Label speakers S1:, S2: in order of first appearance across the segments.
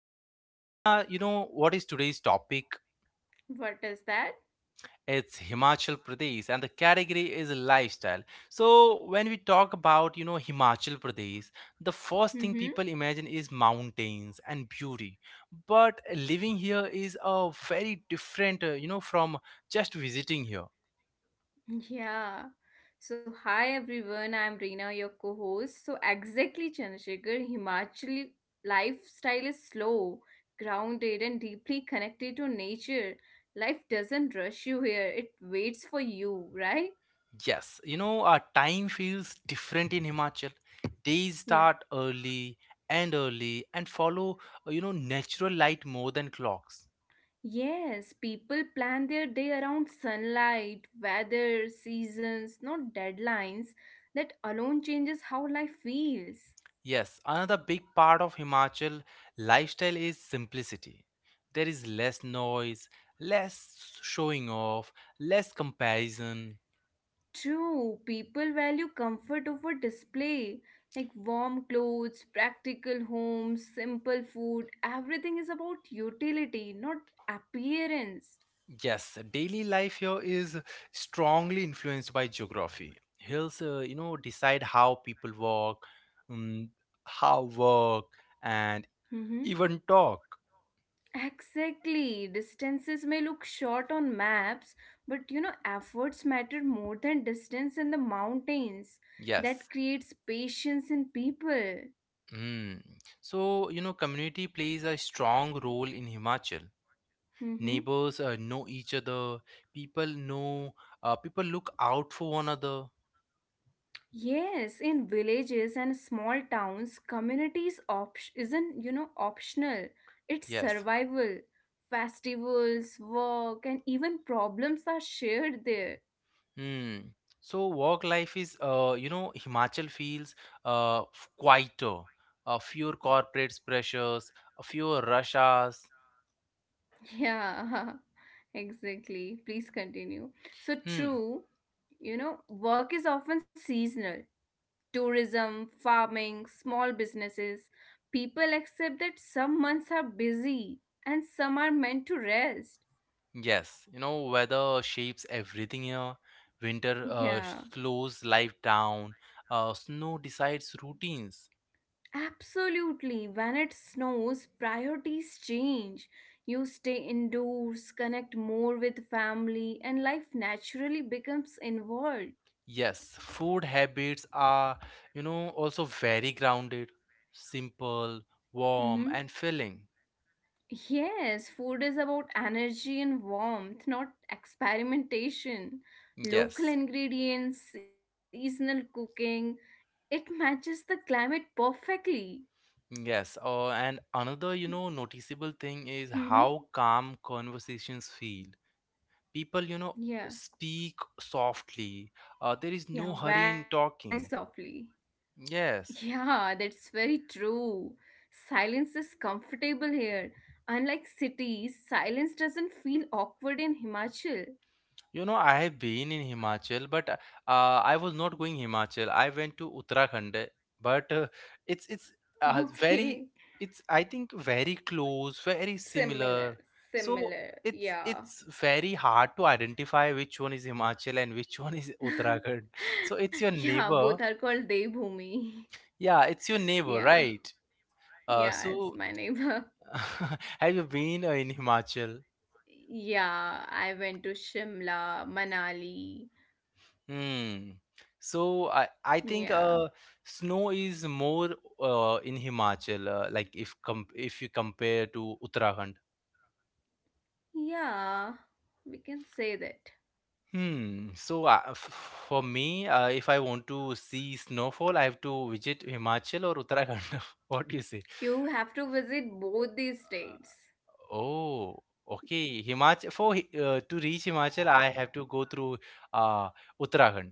S1: So Reena, you know what is today's topic?
S2: What is that?
S1: It's Himachal Pradesh and the category is lifestyle. So when we talk about, Himachal Pradesh, the first thing
S2: Mm-hmm.
S1: people imagine is mountains and beauty. But living here is a very different, from just visiting here.
S2: Yeah. So, hi everyone, I'm Reena, your co host. So, exactly, Chandrasekhar, Himachali lifestyle is slow, grounded, and deeply connected to nature. Life doesn't rush you here, it waits for you, right?
S1: Yes, our time feels different in Himachal. Days
S2: Yeah.
S1: start early and follow, natural light more than clocks.
S2: Yes, people plan their day around sunlight, weather, seasons, not deadlines. That alone changes how life feels.
S1: Yes, another big part of Himachal lifestyle is simplicity. There is less noise, less showing off, less comparison.
S2: True, people value comfort over display. Like warm clothes, practical homes, simple food, everything is about utility, not appearance.
S1: Yes, daily life here is strongly influenced by geography. Hills, decide how people walk, um, how work, and
S2: hmm
S1: even talk.
S2: Exactly. Distances may look short on maps, but you know, efforts matter more than distance in the mountains.
S1: Yes.
S2: That creates patience in people.
S1: Mm. So, community plays a strong role in Himachal.
S2: Mm-hmm.
S1: Neighbors know each other. People know, people look out for one another.
S2: Yes, in villages and small towns, isn't you know optional. It's
S1: Yes.
S2: survival. Festivals, work, and even problems are shared there.
S1: Hmm. So work life is, Himachal feels quieter, fewer corporate pressures, fewer rush hours.
S2: Yeah, exactly. Please continue. So
S1: Hmm.
S2: true, you know, work is often seasonal. Tourism, farming, small businesses. People accept that some months are busy and some are meant to rest.
S1: Yes, weather shapes everything here. Winter
S2: Yeah.
S1: slows life down. Snow decides routines.
S2: Absolutely. When it snows, priorities change. You stay indoors, connect more with family, and life naturally becomes involved.
S1: Yes, food habits are, also very grounded, simple,
S2: hmm
S1: warm, and filling.
S2: Yes, food is about energy and warmth, not experimentation. Local
S1: Yes.
S2: ingredients, seasonal cooking, it matches the climate perfectly.
S1: Yes, and another, noticeable thing is
S2: hmm
S1: how calm conversations feel. People,
S2: Yeah,
S1: speak softly. There is no
S2: yeah,
S1: hurry in
S2: very
S1: talking.
S2: softly.
S1: Yes.
S2: Yeah, that's very true. Silence is comfortable here. Unlike cities, silence doesn't feel awkward in Himachal.
S1: I have been in Himachal, but I was not going Himachal. I went to Uttarakhand, but it's very
S2: Okay.
S1: it's I think very close, very similar.
S2: Similar,
S1: So
S2: similar.
S1: it's
S2: Yeah.
S1: it's very hard to identify which one is Himachal and which one is Uttarakhand. So it's your
S2: Yeah,
S1: neighbor.
S2: both are called Devbhumi.
S1: Yeah, it's your neighbor,
S2: Yeah.
S1: right? Uh,
S2: Yeah, it's
S1: so
S2: my neighbor.
S1: have you been in Himachal?
S2: Yeah, I went to Shimla, Manali.
S1: Hmm. So I
S2: Yeah.
S1: think snow is more in Himachal, like if you compare to Uttarakhand.
S2: Yeah, we can say that.
S1: Hmm. So for me, if I want to see snowfall, I have to visit Himachal or Uttarakhand. What do you say?
S2: You have to visit both these
S1: Uh,
S2: states.
S1: Oh, okay. To reach Himachal, I have to go through uh Uttarakhand.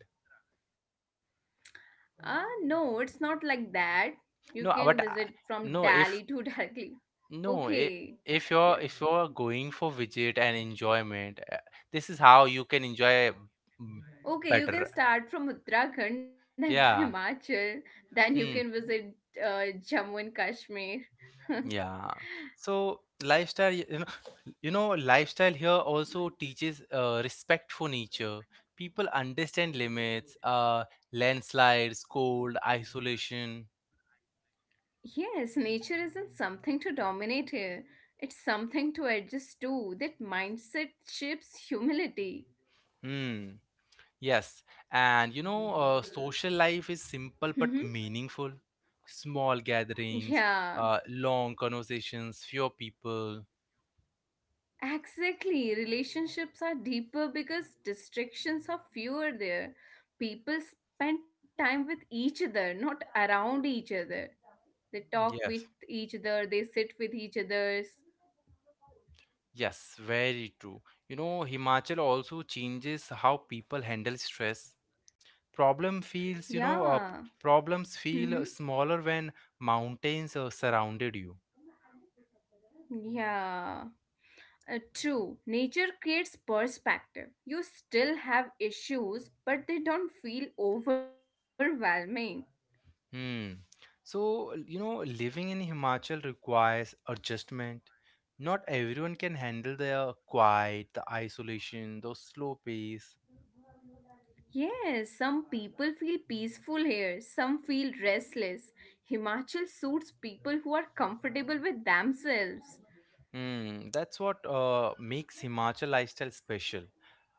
S2: No, it's not like that. You
S1: No,
S2: can visit
S1: no.
S2: from
S1: If
S2: Delhi to directly.
S1: No, I
S2: Okay.
S1: if you're If
S2: Yeah.
S1: you're going for visit and enjoyment, this is how you can enjoy m- better.
S2: Okay, you can start from Uttarakhand, then to
S1: Yeah.
S2: Himachal, then you
S1: Hmm.
S2: can visit Jammu and Kashmir.
S1: Yeah. So lifestyle, y- you know, lifestyle here also teaches respect for nature. People understand limits, landslides, cold, isolation.
S2: Yes, nature isn't something to dominate here. It's something to adjust to. That mindset shapes humility.
S1: Hmm. Yes, and social life is simple
S2: hmm
S1: but meaningful. Small gatherings,
S2: Yeah.
S1: long conversations, fewer people.
S2: Exactly. Relationships are deeper because distractions are fewer there. People spend time with each other, not around each other. They talk
S1: Yes,
S2: with each other, they sit with each other's.
S1: yes, very true. Himachal also changes how people handle stress. Problem feels, you know, uh,
S2: Yeah.
S1: problems feel
S2: Mm-hmm.
S1: smaller when mountains surrounded you.
S2: Yeah. True. Nature creates perspective. You still have issues, but they don't feel overwhelming.
S1: Hmm. So, living in Himachal requires adjustment. Not everyone can handle the quiet, the isolation, the slow pace.
S2: Yes, some people feel peaceful here, some feel restless. Himachal suits people who are comfortable with themselves.
S1: Hmm. That's what makes Himachal lifestyle special.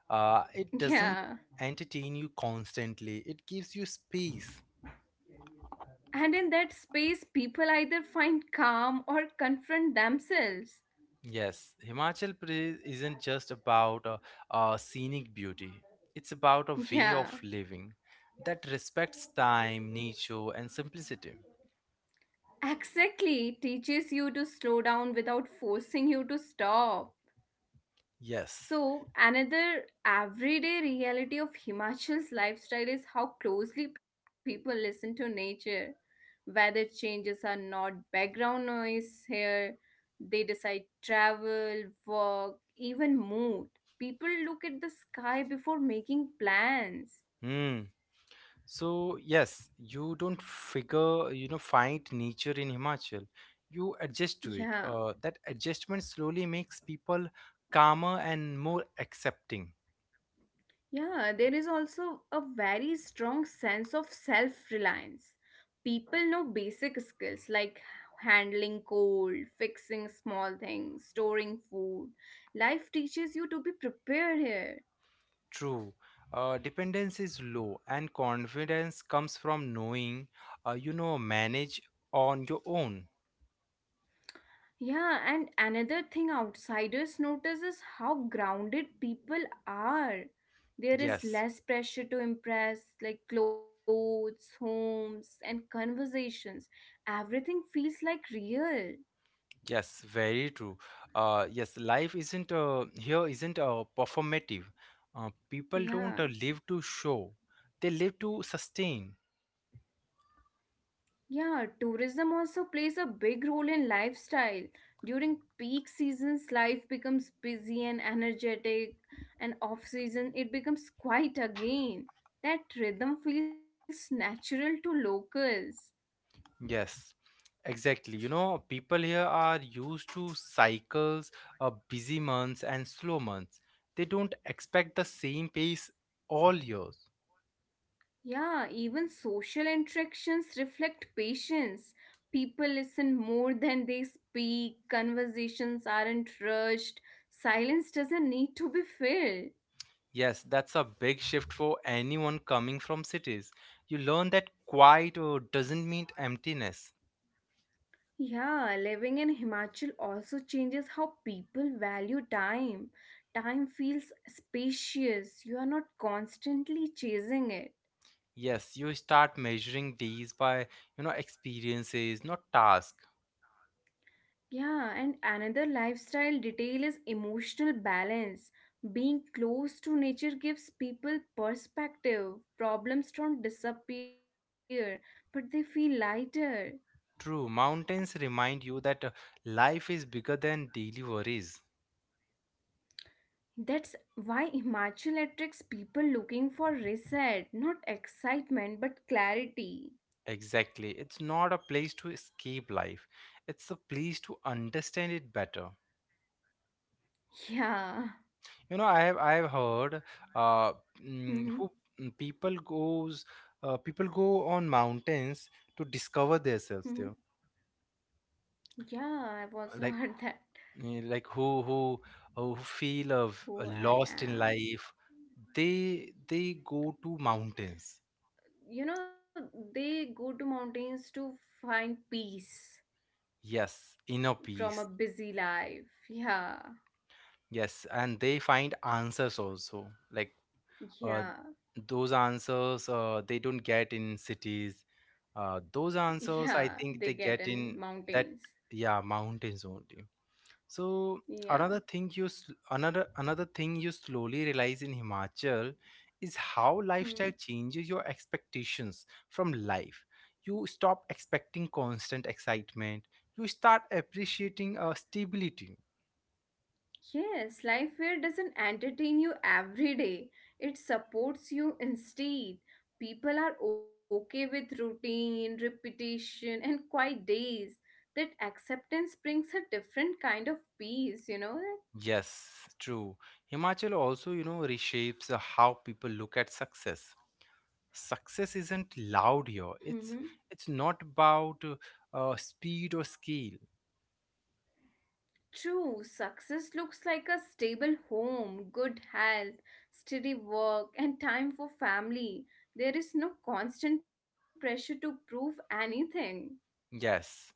S1: It doesn't
S2: Yeah.
S1: entertain you constantly, it gives you space.
S2: And in that space, people either find calm or confront themselves.
S1: Yes, Himachal Pradesh isn't just about a scenic beauty, it's about a way of
S2: Yeah.
S1: living that respects time, nature, and simplicity.
S2: Exactly. It teaches you to slow down without forcing you to stop.
S1: Yes.
S2: So, another everyday reality of Himachal's lifestyle is how closely people listen to nature. Weather changes are not background noise here, they decide travel, work, even mood. People look at the sky before making plans.
S1: Hmm. So yes, you don't find nature in Himachal. You adjust to it.
S2: Yeah.
S1: That adjustment slowly makes people calmer and more accepting.
S2: Yeah, there is also a very strong sense of self reliance. People know basic skills like handling cold, fixing small things, storing food. Life teaches you to be prepared here.
S1: True. Dependence is low, and confidence comes from knowing, manage on your own.
S2: Yeah, and another thing outsiders notice is how grounded people are. There is
S1: Yes.
S2: less pressure to impress, like clothes, homes, and conversations. Everything feels like real.
S1: Yes, very true. Yes, life isn't here isn't performative. People don't live
S2: Yeah.
S1: to show; they live to sustain.
S2: Yeah, tourism also plays a big role in lifestyle. During peak seasons, life becomes busy and energetic, and off season, it becomes quiet again. That rhythm feels natural to locals.
S1: Yes, exactly. You know, people here are used to cycles, busy months and slow months. They don't expect the same pace all years.
S2: Yeah, even social interactions reflect patience. People listen more than they speak, conversations aren't rushed, silence doesn't need to be filled.
S1: Yes, that's a big shift for anyone coming from cities. You learn that quiet doesn't mean emptiness.
S2: Yeah, living in Himachal also changes how people value time. Time feels spacious, you are not constantly chasing it.
S1: Yes, you start measuring these by, experiences, not task.
S2: Yeah, and another lifestyle detail is emotional balance. Being close to nature gives people perspective. Problems don't disappear, but they feel lighter.
S1: True, mountains remind you that life is bigger than daily worries.
S2: That's why Himachal attracts people looking for reset, not excitement, but clarity.
S1: Exactly. It's not a place to escape life. It's a place to understand it better.
S2: Yeah.
S1: I have heard uh mm, who
S2: Mm-hmm.
S1: mm, people goes people go on mountains to discover themselves
S2: Mm-hmm.
S1: there.
S2: Yeah, I've also
S1: Like
S2: heard that.
S1: like who feel of
S2: Who I
S1: lost in
S2: am.
S1: life, they go to mountains.
S2: You know, they go to mountains to find peace
S1: Yes, inner peace.
S2: from a busy life. Yeah,
S1: Yes, and they find answers also, like uh,
S2: yeah,
S1: those answers they don't get in cities, those answers,
S2: yeah.
S1: I
S2: They
S1: think, they
S2: get
S1: get
S2: in
S1: in that
S2: mountains.
S1: yeah, mountains only. So another
S2: Yeah.
S1: thing you s- another another thing you slowly realize in Himachal is how lifestyle
S2: hmm.
S1: changes your expectations from life. You stop expecting constant excitement. You start appreciating stability.
S2: Yes, life fair doesn't entertain you every day. It supports you instead. People are okay with routine, repetition, and quiet days. That acceptance brings a different kind of peace, you know?
S1: Yes, true. Himachal also, reshapes how people look at success. Isn't loud here,
S2: hmm
S1: it's not about speed or scale.
S2: True, success looks like a stable home, good health, steady work, and time for family. There is no constant pressure to prove anything.
S1: Yes.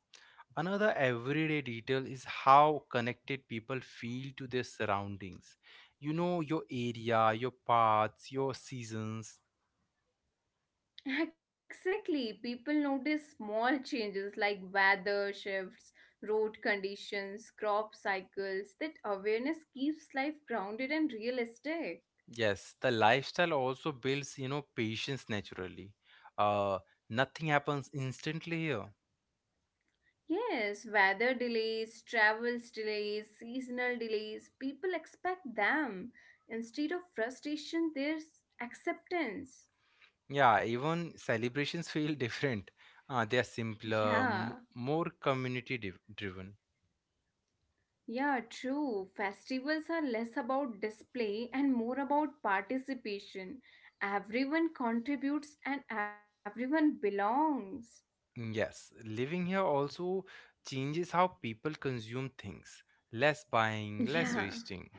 S1: Another everyday detail is how connected people feel to their surroundings. You know, your area, your paths, your seasons.
S2: Exactly. People notice small changes like weather shifts, road conditions, crop cycles. That awareness keeps life grounded and realistic.
S1: Yes, the lifestyle also builds, patience naturally. Uh, Nothing happens instantly here.
S2: Yes, weather delays, travels delays, seasonal delays, people expect them. Instead of frustration, there's acceptance.
S1: Yeah, even celebrations feel different. They are simpler,
S2: Yeah.
S1: more community driven.
S2: Yeah, true. Festivals are less about display and more about participation. Everyone contributes and everyone belongs.
S1: Yes, living here also changes how people consume things. Less buying, less
S2: Yeah.
S1: wasting.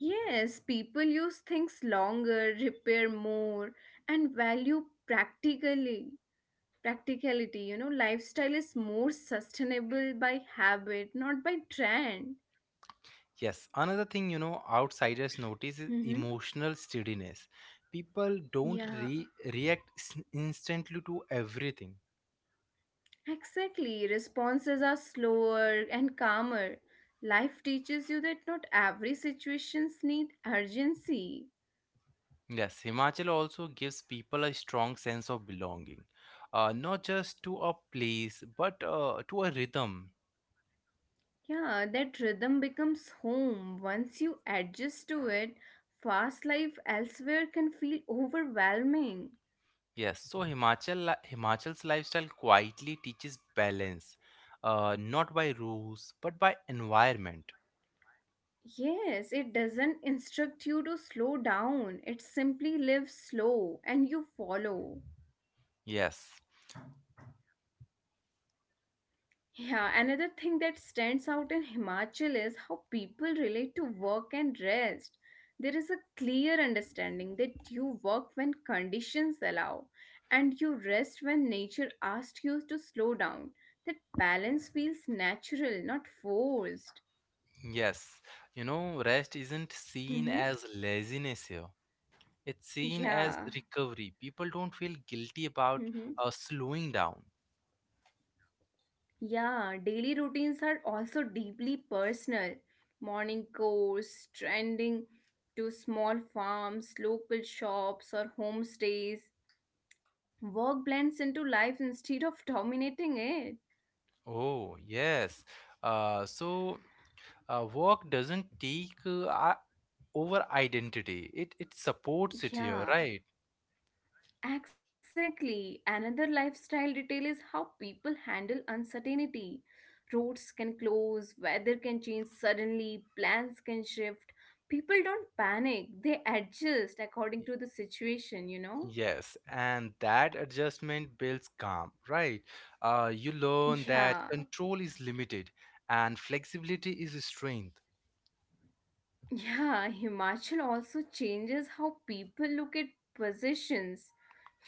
S2: Yes, people use things longer, repair more, and value practically. Practicality, you know, lifestyle is more sustainable by habit, not by trend.
S1: Yes, another thing outsiders notice is
S2: Mm-hmm.
S1: emotional steadiness. People don't
S2: Yeah.
S1: react instantly to everything.
S2: Exactly. Responses are slower and calmer. Life teaches you that not every situations need urgency.
S1: Yes, Himachal also gives people a strong sense of belonging, not just to a place but to a rhythm.
S2: Yeah, that rhythm becomes home. Once you adjust to it, fast life elsewhere can feel overwhelming.
S1: Yes, so Himachal's lifestyle quietly teaches balance, not by rules but by environment.
S2: Yes, it doesn't instruct you to slow down. It simply lives slow and you follow.
S1: Yes,
S2: Yeah, another thing that stands out in Himachal is how people relate to work and rest. There is a clear understanding that you work when conditions allow and you rest when nature asks you to slow down. That balance feels natural, not forced.
S1: yes. You know, rest isn't seen
S2: hmm
S1: as laziness here. It's seen as
S2: Yeah.
S1: recovery. People don't feel guilty about slowing down.
S2: Yeah, daily routines are also deeply personal. Morning chores, trending to small farms, local shops, or homestays. Work blends into life instead of dominating it.
S1: Oh, yes. So work doesn't over identity. It supports it here, right?
S2: Yeah, exactly. Another lifestyle detail is how people handle uncertainty. Roads can close, weather can change suddenly, plans can shift. People don't panic, they adjust according to the situation, you know?
S1: Yes, and that adjustment builds calm, right? You learn that
S2: Yeah,
S1: control is limited and flexibility is strength.
S2: yeah, Himachal also changes how people look at possessions.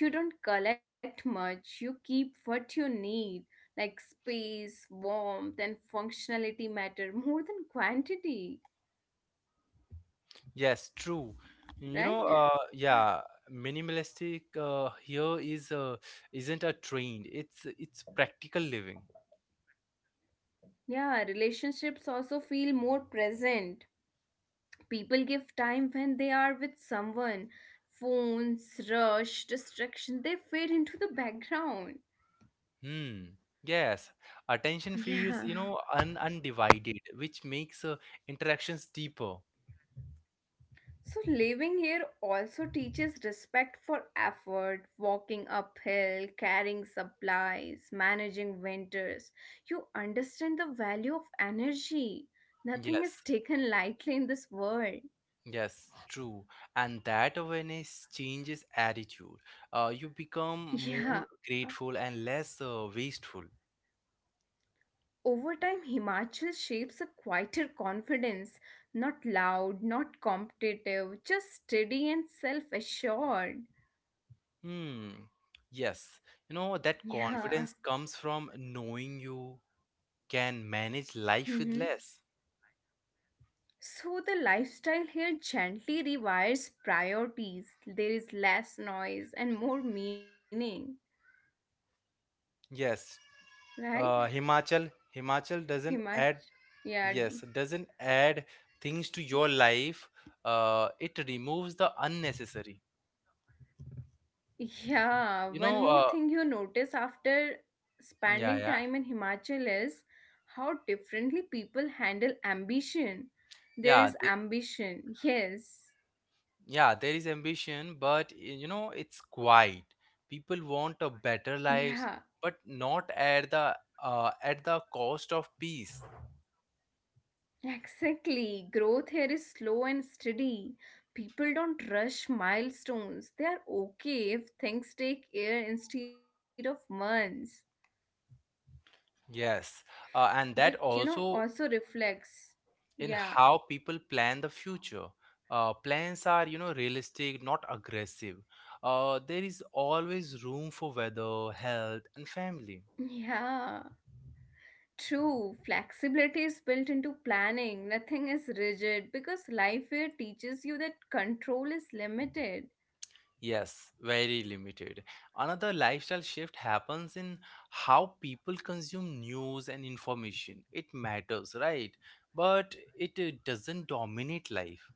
S2: You don't collect much, you keep what you need, like space, warmth, and functionality matter more than quantity,
S1: Yes, true. You
S2: right?
S1: know, yeah, minimalistic here is isn't a trend. It's practical living.
S2: Yeah, relationships also feel more present. People give time when they are with someone. Phones, rush, distraction, they fade into the background.
S1: Hmm. Yes, attention feels
S2: Yeah.
S1: un undivided, which makes interactions deeper.
S2: So, living here also teaches respect for effort, walking uphill, carrying supplies, managing winters. You understand the value of energy. Nothing
S1: Yes.
S2: is taken lightly in this world.
S1: Yes, true. And that awareness changes attitude. You become more
S2: Yeah.
S1: grateful and less wasteful.
S2: Over time, Himachal shapes a quieter confidence, not loud, not competitive, just steady and self assured.
S1: Hmm. Yes. You know, that
S2: Yeah.
S1: confidence comes from knowing you can manage life with less.
S2: So the lifestyle here gently rewires priorities. There is less noise and more meaning,
S1: Yes.
S2: right?
S1: Himachal doesn't
S2: Himachi.
S1: add,
S2: Yeah,
S1: yes, doesn't add things to your life. It removes the unnecessary.
S2: yeah.
S1: You
S2: One
S1: know,
S2: more
S1: uh,
S2: thing you notice after
S1: yeah,
S2: spending
S1: yeah,
S2: time in Himachal is how differently people handle ambition. There
S1: yeah.
S2: is ambition, yes.
S1: Yeah, there is ambition, but it's quiet. People want a better
S2: Yeah,
S1: lives but not at the cost of peace.
S2: exactly. Growth here is slow and steady. People don't rush milestones. They are okay if things take year instead of months.
S1: Yes,
S2: That,
S1: and
S2: you
S1: that
S2: know, also
S1: also
S2: reflects.
S1: in
S2: Yeah.
S1: how people plan the future. Uh, plans are realistic, not aggressive. There is always room for weather, health, and family.
S2: Yeah. True. Flexibility is built into planning. Nothing is rigid because life here teaches you that control is limited.
S1: Yes, very limited. Another lifestyle shift happens in how people consume news and information. It matters, right? But it doesn't dominate life.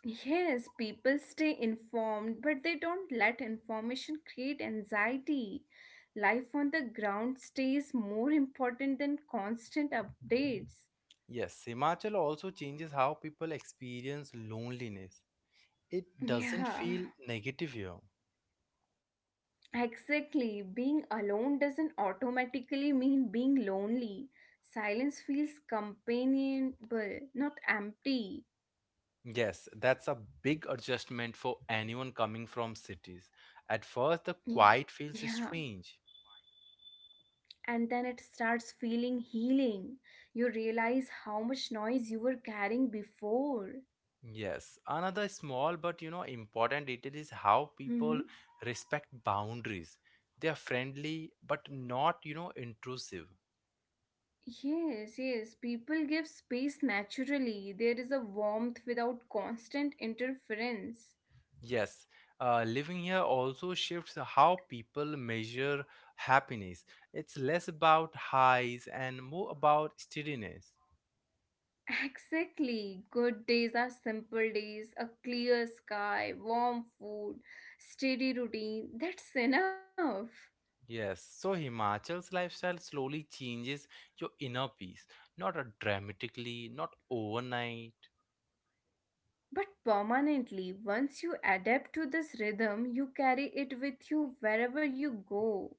S2: Yes, people stay informed, but they don't let information create anxiety. Life on the ground stays more important than constant updates.
S1: Yes, Himachal also changes how people experience loneliness. It doesn't feel
S2: Yeah,
S1: negative here.
S2: exactly. Being alone doesn't automatically mean being lonely. Silence feels companionable, not empty.
S1: Yes, that's a big adjustment for anyone coming from cities. At first, the quiet feels
S2: Yeah,
S1: strange.
S2: and then it starts feeling healing. You realize how much noise you were carrying before.
S1: Yes, another small but important detail is how people
S2: Mm-hmm.
S1: respect boundaries. They are friendly but not intrusive.
S2: Yes, yes. People give space naturally. There is a warmth without constant interference.
S1: Yes, living here also shifts how people measure happiness. It's less about highs and more about steadiness.
S2: Exactly. Good days are simple days, a clear sky, warm food, steady routine. That's enough.
S1: Yes, so Himachal's lifestyle slowly changes your inner peace, not dramatically, not overnight.
S2: But permanently, once you adapt to this rhythm, you carry it with you wherever you go.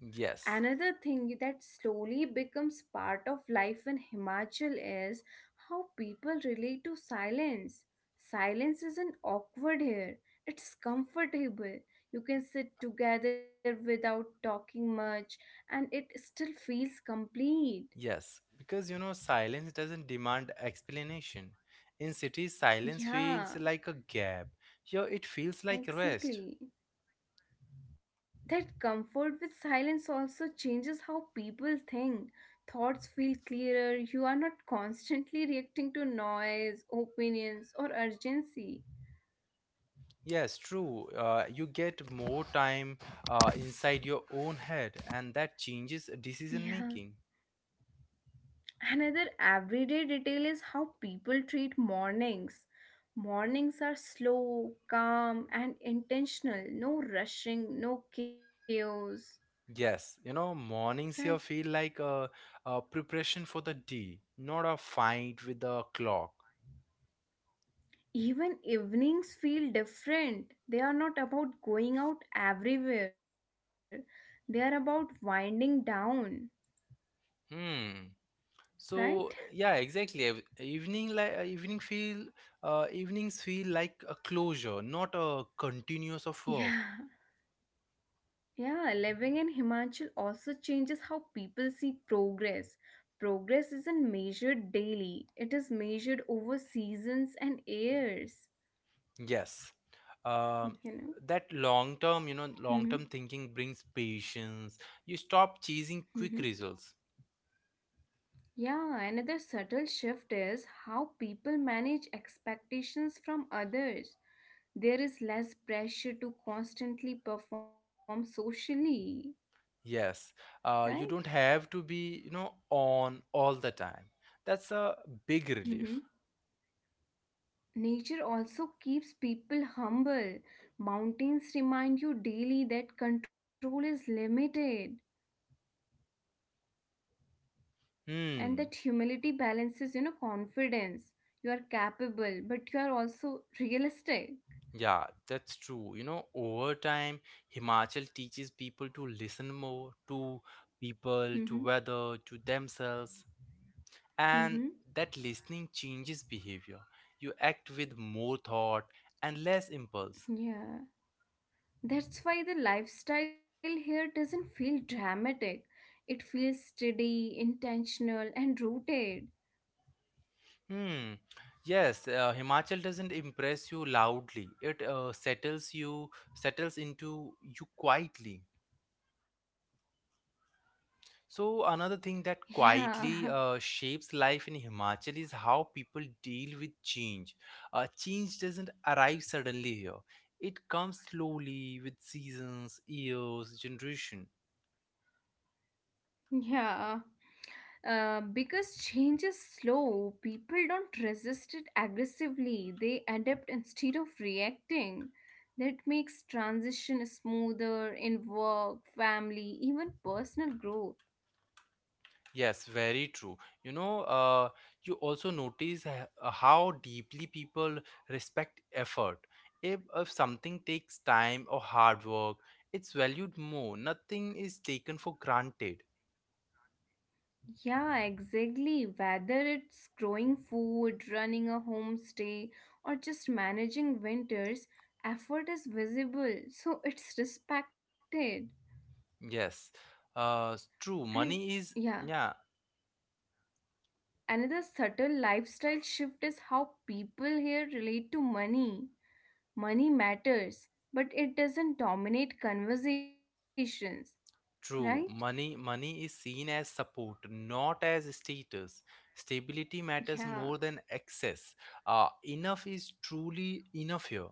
S1: Yes.
S2: Another thing that slowly becomes part of life in Himachal is how people relate to silence. Silence isn't awkward here, it's comfortable. You can sit together without talking much, and it still feels complete.
S1: Yes, because silence doesn't demand explanation. In cities, silence feels like
S2: Yeah,
S1: a gap. Here, it feels like rest.
S2: exactly. That comfort with silence also changes how people think. Thoughts feel clearer, you are not constantly reacting to noise, opinions, or urgency.
S1: Yes, true. You get more time inside your own head, and that changes decision
S2: Yeah.
S1: making.
S2: Another everyday detail is how people treat mornings. Mornings are slow, calm, and intentional. No rushing, no chaos.
S1: Yes,
S2: Right?
S1: mornings here feel like a preparation for the day, not a fight with the clock.
S2: Even evenings feel different. They are not about going out everywhere, they are about winding down,
S1: Hmm. So
S2: right?
S1: yeah, exactly. Evenings feel like a closure, not a continuous of work.
S2: Yeah, yeah, living in Himachal also changes how people see progress. Progress isn't measured daily, it is measured over seasons and years,
S1: Yes. Um
S2: you know.
S1: that long term, long
S2: hmm
S1: term thinking brings patience. You stop chasing quick
S2: hmm
S1: results.
S2: Yeah, another subtle shift is how people manage expectations from others. There is less pressure to constantly perform socially,
S1: Yes,
S2: right?
S1: you don't have to be on all the time. That's a big
S2: Mhm.
S1: relief.
S2: Nature also keeps people humble. Mountains remind you daily that control is limited and
S1: Hmm.
S2: that humility balances, you know, confidence. You are capable, but you are also realistic.
S1: Yeah, that's true. You know, over time, Himachal teaches people to listen more to people, to
S2: Mhm.
S1: weather, to themselves, and
S2: Mhm.
S1: that listening changes behavior. You act with more thought and less impulse.
S2: Yeah. That's why the lifestyle here doesn't feel dramatic. It feels steady, intentional, and rooted.
S1: Hmm. Yes, Himachal doesn't impress you loudly. It settles you, settles into you quietly. So another thing that
S2: Yeah,
S1: quietly shapes life in Himachal is how people deal with change. Change doesn't arrive suddenly here. It comes slowly with seasons, years, generation.
S2: yeah. Because change is slow, people don't resist it aggressively. They adapt instead of reacting. That makes transition smoother in work, family, even personal growth.
S1: Yes, very true. You know, uh, you also notice how deeply people respect effort. If something takes time or hard work, it's valued more. Nothing is taken for granted.
S2: Yeah, exactly. Whether it's growing food, running a homestay, or just managing winters, effort is visible, so it's respected.
S1: Yes, true.
S2: And
S1: Money is,
S2: yeah.
S1: yeah,
S2: Another subtle lifestyle shift is how people here relate to money. Money matters, but it doesn't dominate conversations, right?
S1: true. Money is seen as support, not as status. Stability matters
S2: Yeah,
S1: more than excess. Enough is truly enough here.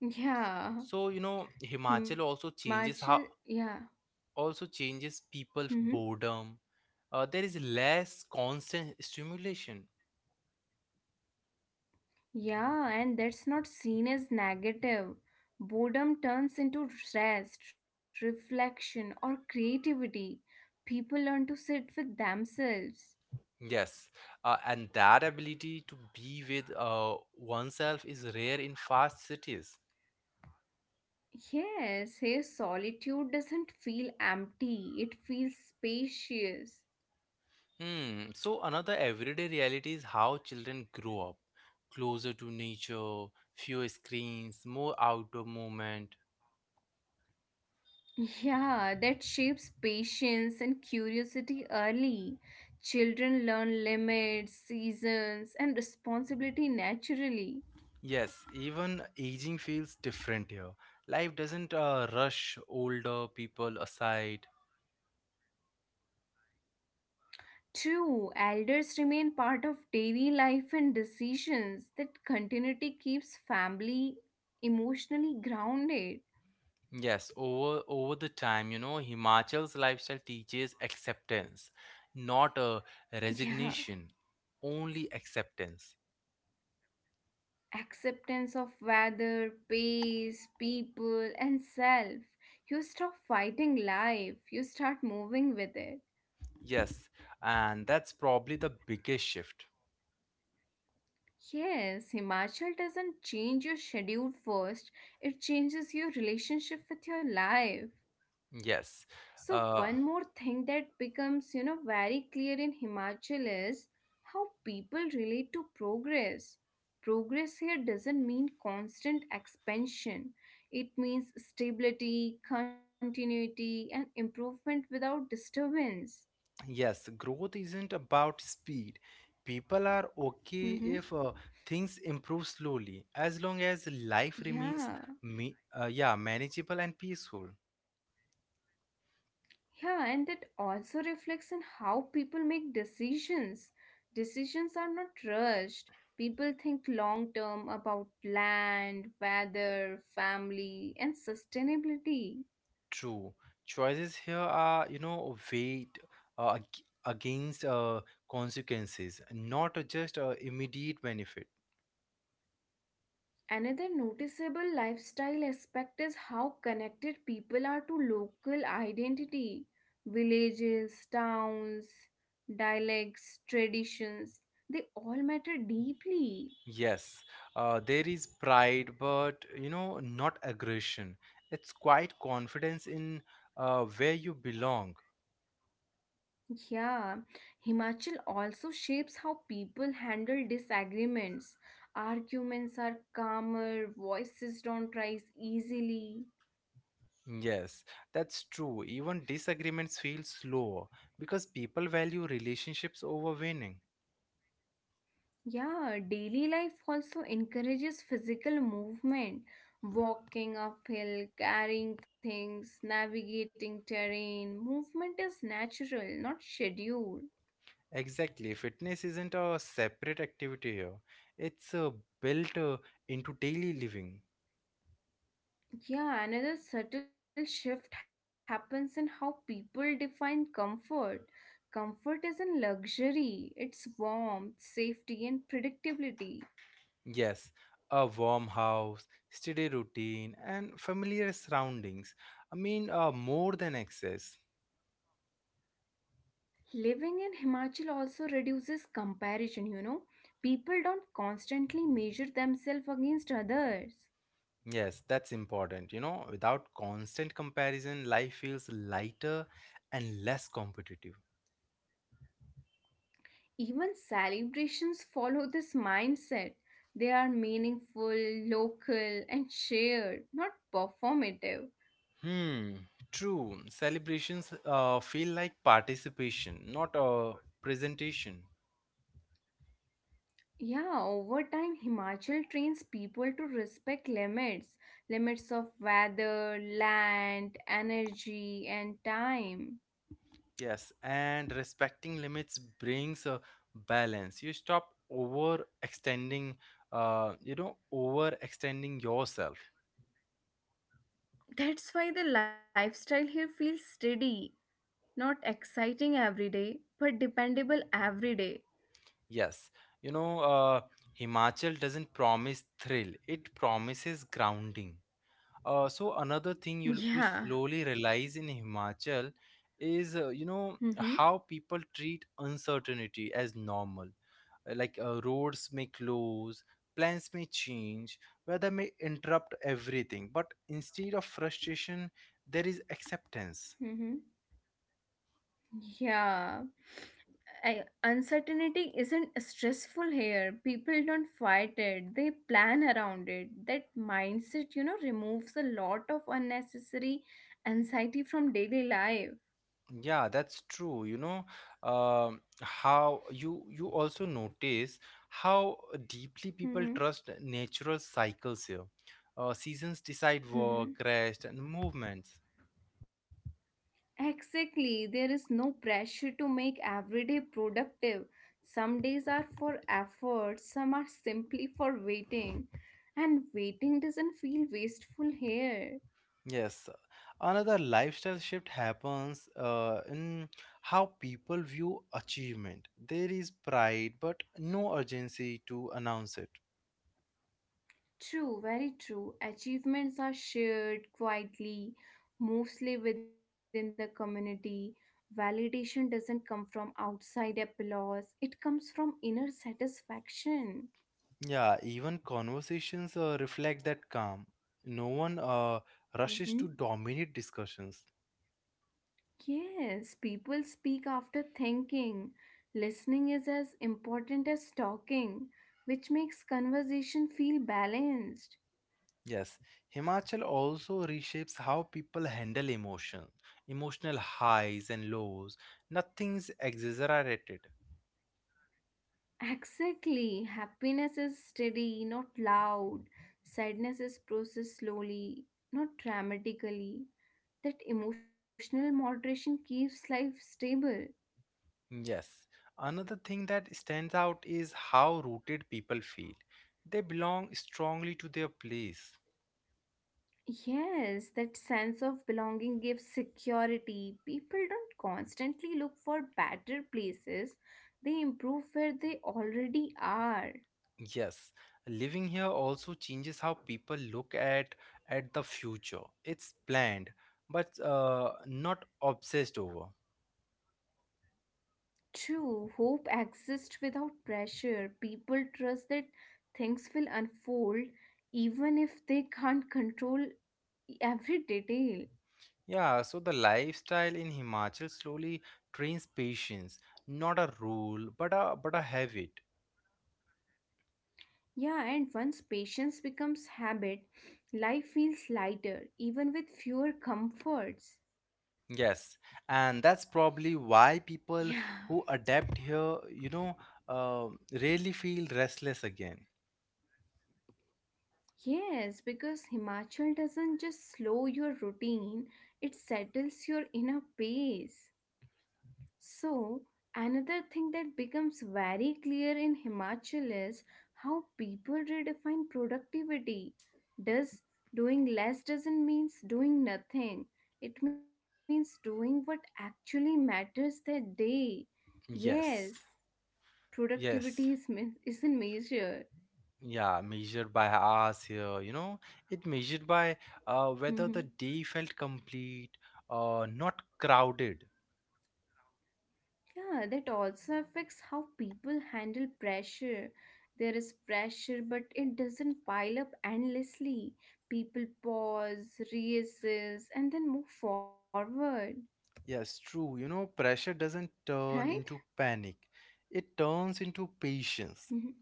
S2: yeah.
S1: So, Himachal also
S2: Himachal, yeah.
S1: changes
S2: hmm
S1: people boredom. There is less constant stimulation.
S2: Yeah, and that's not seen as negative. Boredom turns into rest, reflection, or creativity. People learn to sit with themselves.
S1: Yes, and that ability to be with oneself is rare in fast cities.
S2: Yes, his solitude doesn't feel empty, it feels spacious.
S1: Hmm. So another everyday reality is how children grow up closer to nature, fewer screens, more outdoor movement.
S2: Yeah, that shapes patience and curiosity early. Children learn limits, seasons, and responsibility naturally.
S1: Yes, even aging feels different here. Life doesn't rush older people aside.
S2: True, elders remain part of daily life and decisions. That continuity keeps family emotionally grounded.
S1: Yes, over the time, you know, Himachal's lifestyle teaches acceptance, not a
S2: Yeah.
S1: resignation, only acceptance.
S2: Acceptance of weather, pace, people, and self. You stop fighting life, you start moving with it.
S1: Yes, and that's probably the biggest shift.
S2: Yes, Himachal doesn't change your schedule first, it changes your relationship with your life.
S1: Yes.
S2: So
S1: Uh,
S2: one more thing that becomes, very clear in Himachal is how people relate to progress. Progress here doesn't mean constant expansion. It means stability, continuity, and improvement without disturbance.
S1: Yes, growth isn't about speed. People are okay
S2: Mm-hmm.
S1: if things improve slowly, as long as life remains
S2: Yeah.
S1: me yeah, manageable and peaceful.
S2: Yeah, and that also reflects on how people make decisions. Decisions are not rushed. People think long term about land, weather, family, and sustainability.
S1: True. Choices here are, you know, weight against consequences, not just immediate benefit.
S2: Another noticeable lifestyle aspect is how connected people are to local identity. Villages, towns, dialects, traditions, they all matter deeply.
S1: Yes, there is pride, but you know, not aggression. It's quite confidence in where you belong.
S2: Yeah, Himachal also shapes how people handle disagreements. Arguments are calmer, voices don't rise easily.
S1: Yes, that's true. Even disagreements feel slower because people value relationships over winning.
S2: Yeah, daily life also encourages physical movement. Walking uphill, carrying things, navigating terrain. Movement is natural, not scheduled.
S1: Exactly. Fitness isn't a separate activity here, it's built into daily living.
S2: Yeah, another subtle shift happens in how people define comfort. Comfort isn't luxury, it's warmth, safety, and predictability.
S1: Yes, a warm house, steady routine, and familiar surroundings. I mean, more than excess.
S2: Living in Himachal also reduces comparison. People don't constantly measure themselves against others.
S1: Yes, that's important. You know, without constant comparison, life feels lighter and less competitive.
S2: Even celebrations follow this mindset. They are meaningful, local, and shared, not performative.
S1: Hmm, true. Celebrations feel like participation, not a presentation.
S2: Yeah, over time, Himachal trains people to respect limits, limits of weather, land, energy, and time.
S1: Yes, and respecting limits brings a balance. You stop overextending, you know, overextending yourself.
S2: That's why the lifestyle here feels steady, not exciting every day, but dependable every day.
S1: Yes, you know, Himachal doesn't promise thrill, it promises grounding. So another thing you
S2: Yeah.
S1: slowly realize in Himachal is you know
S2: Mm-hmm.
S1: how people treat uncertainty as normal. Like roads may close, plans may change, weather may interrupt everything. But instead of frustration, there is acceptance.
S2: Mm-hmm. Yeah. Uncertainty isn't stressful here. People don't fight it, they plan around it. That mindset, removes a lot of unnecessary anxiety from daily life.
S1: Yeah, that's true. You know, how you also notice how deeply people
S2: Hmm.
S1: trust natural cycles here. Seasons decide work,
S2: Hmm.
S1: rest, and movements.
S2: Exactly. There is no pressure to make every day productive. Some days are for effort, some are simply for waiting. And waiting doesn't feel wasteful here.
S1: Yes, another lifestyle shift happens in how people view achievement. There is pride, but no urgency to announce it.
S2: True, very true. Achievements are shared quietly, mostly within the community. Validation doesn't come from outside applause, it comes from inner satisfaction.
S1: Yeah, even conversations reflect that calm. No one rushes to
S2: Mhm.
S1: dominate discussions.
S2: Yes, people speak after thinking. Listening is as important as talking, which makes conversation feel balanced.
S1: Yes, Himachal also reshapes how people handle emotion, emotional highs and lows. Nothing's exaggerated.
S2: Exactly. Happiness is steady, not loud. Sadness is processed slowly, not dramatically. That emotional moderation keeps life stable.
S1: Yes, another thing that stands out is how rooted people feel. They belong strongly to their place.
S2: Yes, that sense of belonging gives security. People don't constantly look for better places, they improve where they already are.
S1: Yes, living here also changes how people look at the future. It's planned, but not obsessed over.
S2: True, hope exists without pressure. People trust that things will unfold even if they can't control every detail.
S1: Yeah, so the lifestyle in Himachal slowly trains patience, not a rule, but a habit.
S2: Yeah, and once patience becomes habit, life feels lighter, even with fewer comforts.
S1: Yes, and that's probably why
S2: Yeah.
S1: people who adapt here, you know, uh, rarely feel restless again.
S2: Yes, because Himachal doesn't just slow your routine, it settles your inner pace. So, another thing that becomes very clear in Himachal is how people redefine productivity. Does doing less doesn't means doing nothing. It means doing what actually matters that day. Yes,
S1: Yes,
S2: productivity
S1: yes,
S2: isn't measured.
S1: yeah, measured by hours here, you know, it measured by whether the day felt complete, not crowded.
S2: Yeah, that also affects how people handle pressure. There is pressure, but it doesn't pile up endlessly. People pause, reassess, and then move forward,
S1: Yes, true. You know, pressure doesn't
S2: right?
S1: turn into panic, it turns into patience.
S2: Mhm.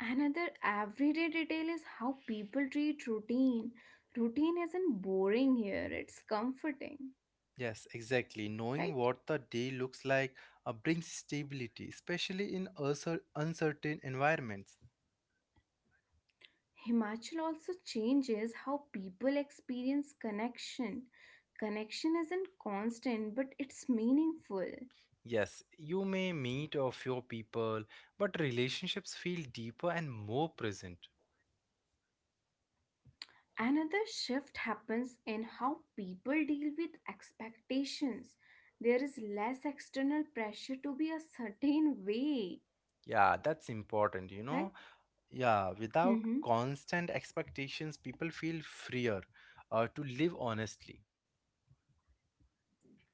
S2: Another everyday detail is how people treat routine. Routine isn't boring here, it's comforting,
S1: Yes, exactly.
S2: right?
S1: Knowing what the day looks like brings stability, especially in uncertain environments.
S2: Himachal also changes how people experience connection. Connection isn't constant, but it's meaningful.
S1: Yes, you may meet a few people, but relationships feel deeper and more present.
S2: Another shift happens in how people deal with expectations. There is less external pressure to be a certain way,
S1: Yeah, that's important, you know.
S2: right?
S1: Yeah, without
S2: Mhm.
S1: constant expectations, people feel freer to live honestly.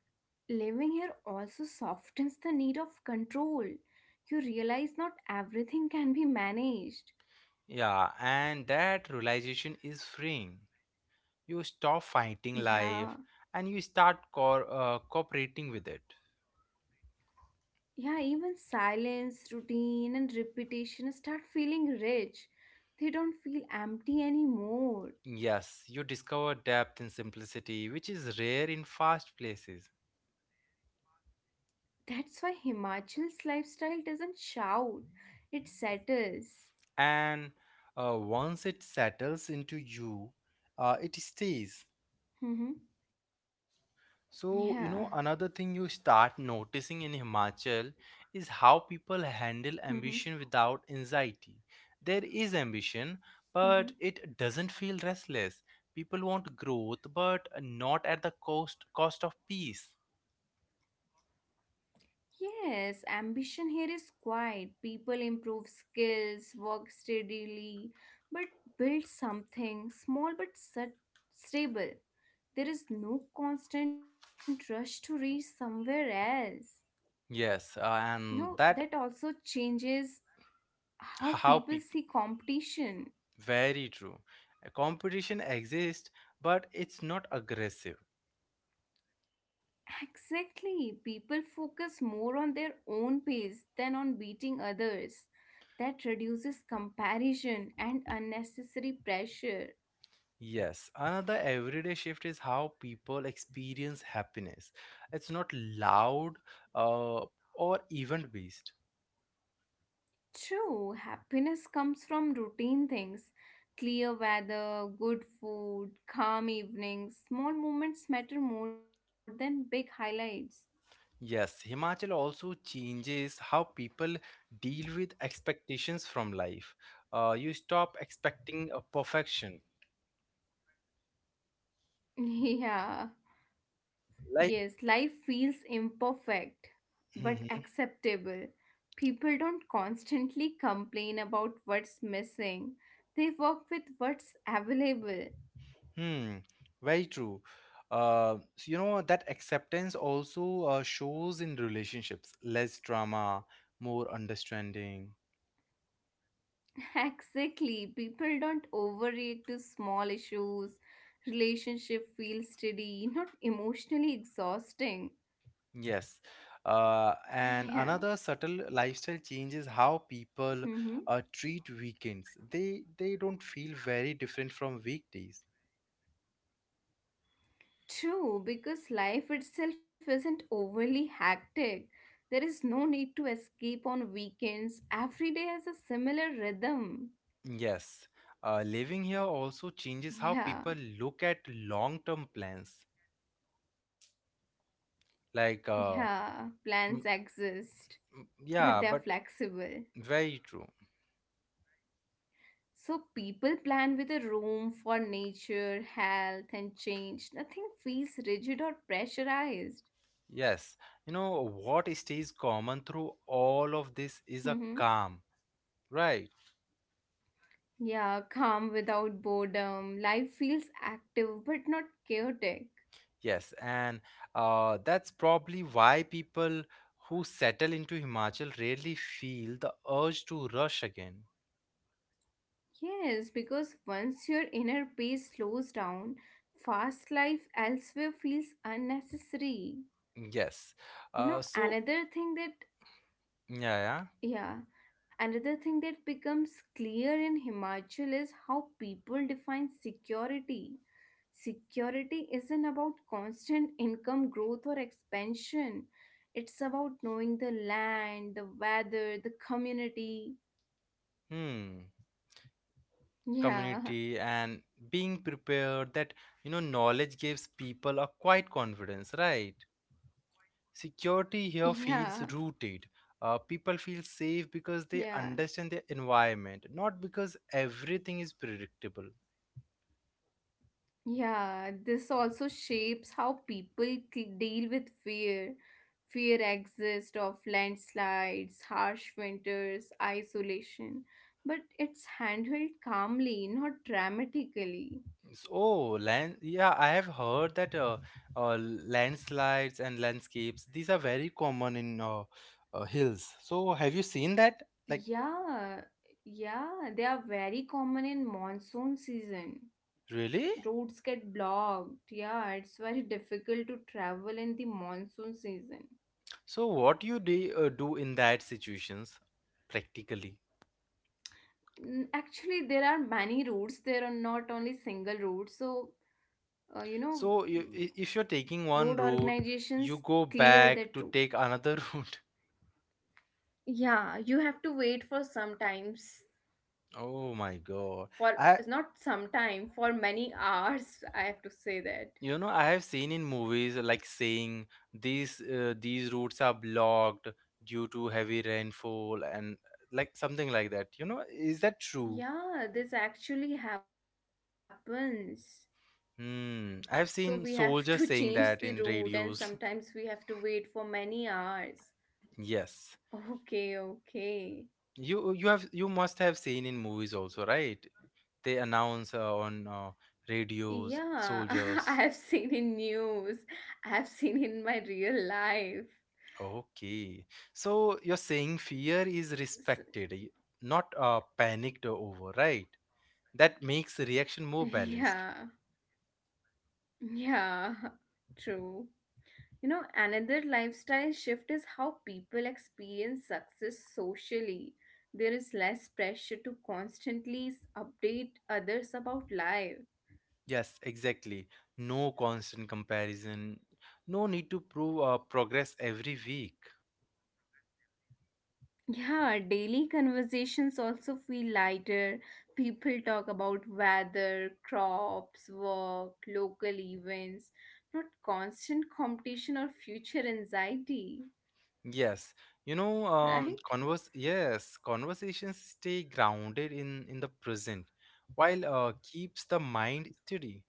S2: Living here also softens the need of control. You realize not everything can be managed.
S1: Yeah, and that realization is freeing. You stop fighting
S2: Yeah,
S1: life and you start cooperating with it.
S2: yeah, even silence, routine, and repetition start feeling rich. They don't feel empty anymore.
S1: Yes, you discover depth in simplicity, which is rare in fast places.
S2: That's why Himachal's lifestyle doesn't shout, it settles.
S1: And once it settles into you, it stays.
S2: Hmm. Yeah.
S1: So, you know, another thing you start noticing in Himachal is how people handle
S2: Hmm.
S1: ambition without anxiety. There is ambition,
S2: Hmm.
S1: but it doesn't feel restless. People want growth, but not at the cost of peace.
S2: Yes, ambition here is quiet. People improve skills, work steadily, but build something small but stable. There is no constant rush to reach somewhere else.
S1: Yes,
S2: You know,
S1: and
S2: that
S1: that
S2: also changes how
S1: how
S2: people
S1: people
S2: see competition.
S1: very true. A competition exists, but it's not aggressive.
S2: Exactly. People focus more on their own pace than on beating others. That reduces comparison and unnecessary pressure.
S1: Yes, another everyday shift is how people experience happiness. It's not loud uh, or event based.
S2: True, happiness comes from routine things, clear weather, good food, calm evenings. Small moments matter more than big highlights.
S1: Yes, Himachal also changes how people deal with expectations from life. You stop expecting a perfection.
S2: Yeah.
S1: Life,
S2: Yes, life feels imperfect but
S1: Mhm.
S2: acceptable. People don't constantly complain about what's missing, they work with what's available.
S1: Hmm, very true. So you know that acceptance also shows in relationships. Less drama, more understanding.
S2: Exactly, people don't overreact to small issues. Relationship feels steady, not emotionally exhausting.
S1: Yes. And
S2: Yeah.
S1: another subtle lifestyle change is how people
S2: Mm-hmm.
S1: treat weekends. They don't feel very different from weekdays.
S2: True, because life itself isn't overly hectic. There is no need to escape on weekends. Every day has a similar rhythm.
S1: Yes. Living here also changes how
S2: Yeah,
S1: people look at long-term plans. Like uh,
S2: yeah, plans
S1: mm,
S2: exist, but they are
S1: yeah, but
S2: flexible.
S1: very true.
S2: So people plan with a room for nature, health, and change. Nothing feels rigid or pressurized.
S1: Yes. You know what stays common through all of this is a
S2: Hmm.
S1: calm, right?
S2: Yeah, calm without boredom. Life feels active but not chaotic.
S1: Yes, and that's probably why people who settle into Himachal rarely feel the urge to rush again.
S2: Yes, because once your inner peace slows down, fast life elsewhere feels unnecessary.
S1: Yes.
S2: You
S1: Uh,
S2: know,
S1: so,
S2: another thing that,
S1: yeah,
S2: yeah, another thing that becomes clear in Himachal is how people define security. Security isn't about constant income growth or expansion, it's about knowing the land, the weather, the community.
S1: yeah. Hmm.
S2: Yeah,
S1: Community and being prepared that, you know, knowledge gives people a quiet confidence, right? Security
S2: yeah,
S1: here feels rooted. People feel safe because they
S2: yeah.
S1: understand their environment, not because everything is predictable.
S2: Yeah, this also shapes how people deal with fear. Fear exists of landslides, harsh winters, isolation, but it's handled calmly, not dramatically.
S1: So, oh, land. Yeah, I have heard that landslides and landscapes, these are very common in hills. So, have you seen that? Like,
S2: Yeah, yeah, they are very common in monsoon season.
S1: really?
S2: Roads get blocked. Yeah, it's very difficult to travel in the monsoon season.
S1: So, what you do do in that situations practically?
S2: Actually, there are many routes. There are not only single routes. So uh, you know
S1: So, you, if you're taking one
S2: road
S1: route, you
S2: organizations
S1: go
S2: clear
S1: back
S2: that
S1: to
S2: route.
S1: take another route.
S2: Yeah, you have to wait for sometimes,
S1: Oh my God.
S2: for,
S1: I,
S2: it's not sometime, for many hours, I have to say that.
S1: you know, I have seen in movies like saying these routes are blocked due to heavy rainfall and like something like that. You know, is that true?
S2: Yeah, this actually happens. So we
S1: Hmm. I have
S2: have to
S1: seen
S2: change the
S1: soldiers saying
S2: route
S1: that
S2: and
S1: in
S2: sometimes we
S1: radios.
S2: have to wait for many hours.
S1: Yes.
S2: Okay, okay.
S1: You have you must have seen in movies also, right? They announce on radios
S2: Yeah, I
S1: soldiers.
S2: have seen in news. I have seen in my real life.
S1: Okay. So you're saying fear is
S2: So,
S1: respected, not panicked over, right? That makes the reaction more balanced.
S2: yeah. Yeah, true. Another lifestyle shift is how people experience success socially. There is less pressure to constantly update others about life.
S1: Yes, exactly. No constant comparison. No need to prove progress every week.
S2: Yeah, daily conversations also feel lighter. People talk about weather, crops, work, local events, not constant competition or future anxiety,
S1: Yes, you know,
S2: right?
S1: converse. Yes, conversations stay grounded in the present, while keeps the mind steady.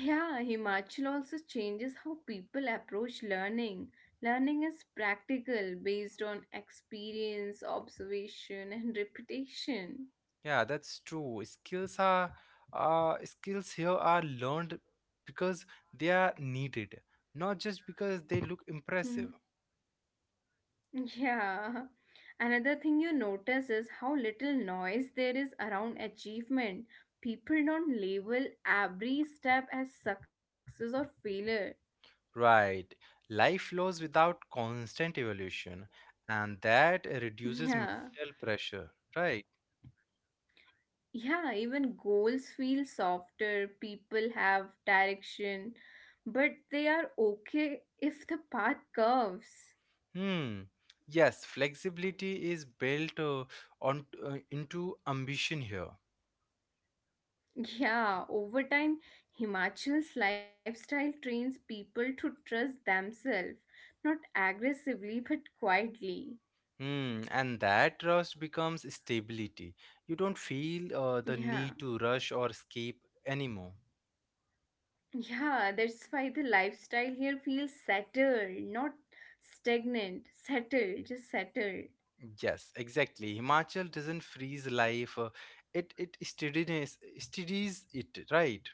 S2: Yeah, Himachal also changes how people approach learning. Learning is practical, based on experience, observation, and reputation.
S1: Yeah, that's true. Skills here are learned because they are needed, not just because they look
S2: Hmm.
S1: impressive.
S2: Yeah. Another thing you notice is how little noise there is around achievement. People don't label every step as success or failure.
S1: Right. Life flows without constant evolution, and that reduces
S2: Yeah.
S1: mental pressure. Right.
S2: Yeah, even goals feel softer. People have direction, but they are okay if the path curves.
S1: Hmm. Yes, flexibility is built on into ambition here.
S2: Yeah, over time, Himachal's lifestyle trains people to trust themselves, not aggressively but quietly.
S1: Hmm. And that trust becomes stability. You don't feel the
S2: Yeah,
S1: need to rush or escape anymore.
S2: yeah, that's why the lifestyle here feels settled, not stagnant settled, just settled.
S1: Yes, exactly. Himachal doesn't freeze life. It steadies it. Right.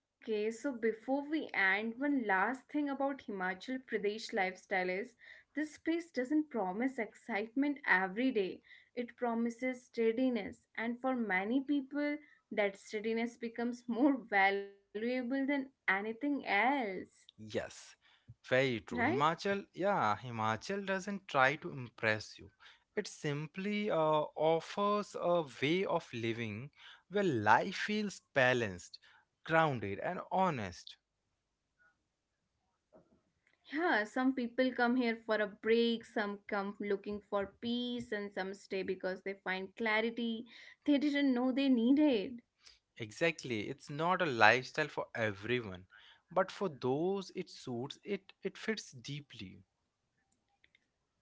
S2: Okay, so before we end, one last thing about Himachal Pradesh lifestyle is this place doesn't promise excitement every day. It promises steadiness, and for many people, that steadiness becomes more valuable than anything else,
S1: Yes, very true.
S2: right?
S1: Himachal doesn't try to impress you. It simply offers a way of living where life feels balanced, grounded, and honest.
S2: Yeah, some people come here for a break, some come looking for peace, and some stay because they find clarity they didn't know they needed.
S1: Exactly, it's not a lifestyle for everyone, but for those it suits, it fits deeply.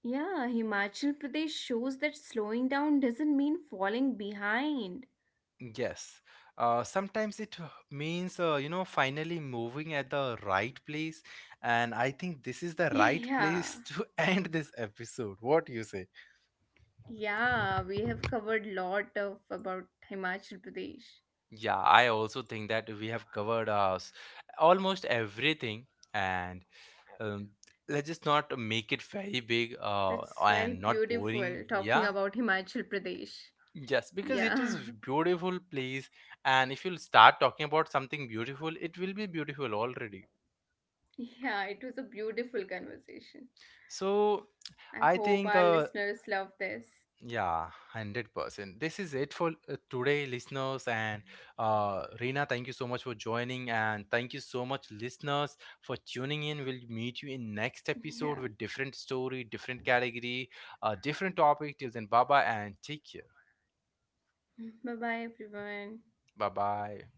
S2: Yeah, Himachal Pradesh shows that slowing down doesn't mean falling behind.
S1: Yes. Sometimes it means, you know, finally moving at the right place. And I think this is the right
S2: Yeah,
S1: place to end this episode. What you say?
S2: yeah, we have covered lot of about Himachal Pradesh.
S1: Yeah, I also think that we have covered us almost everything. And um, let's just not make it very big
S2: That's very
S1: and not
S2: beautiful
S1: boring.
S2: talking
S1: Yeah.
S2: about Himachal Pradesh.
S1: Yes, because it is
S2: Yeah,
S1: beautiful place. And if you'll start talking about something beautiful, it will be beautiful already.
S2: yeah, it was a beautiful conversation.
S1: So I
S2: I
S1: think
S2: hope our listeners love this.
S1: yeah, 100%. This is it for today, listeners. And Reena, thank you so much for joining. And thank you so much, listeners, for tuning in. We'll meet you in next episode with
S2: Yeah,
S1: different story, different category, different topic. Till then, bye bye and take care.
S2: bye bye everyone.
S1: Bye bye.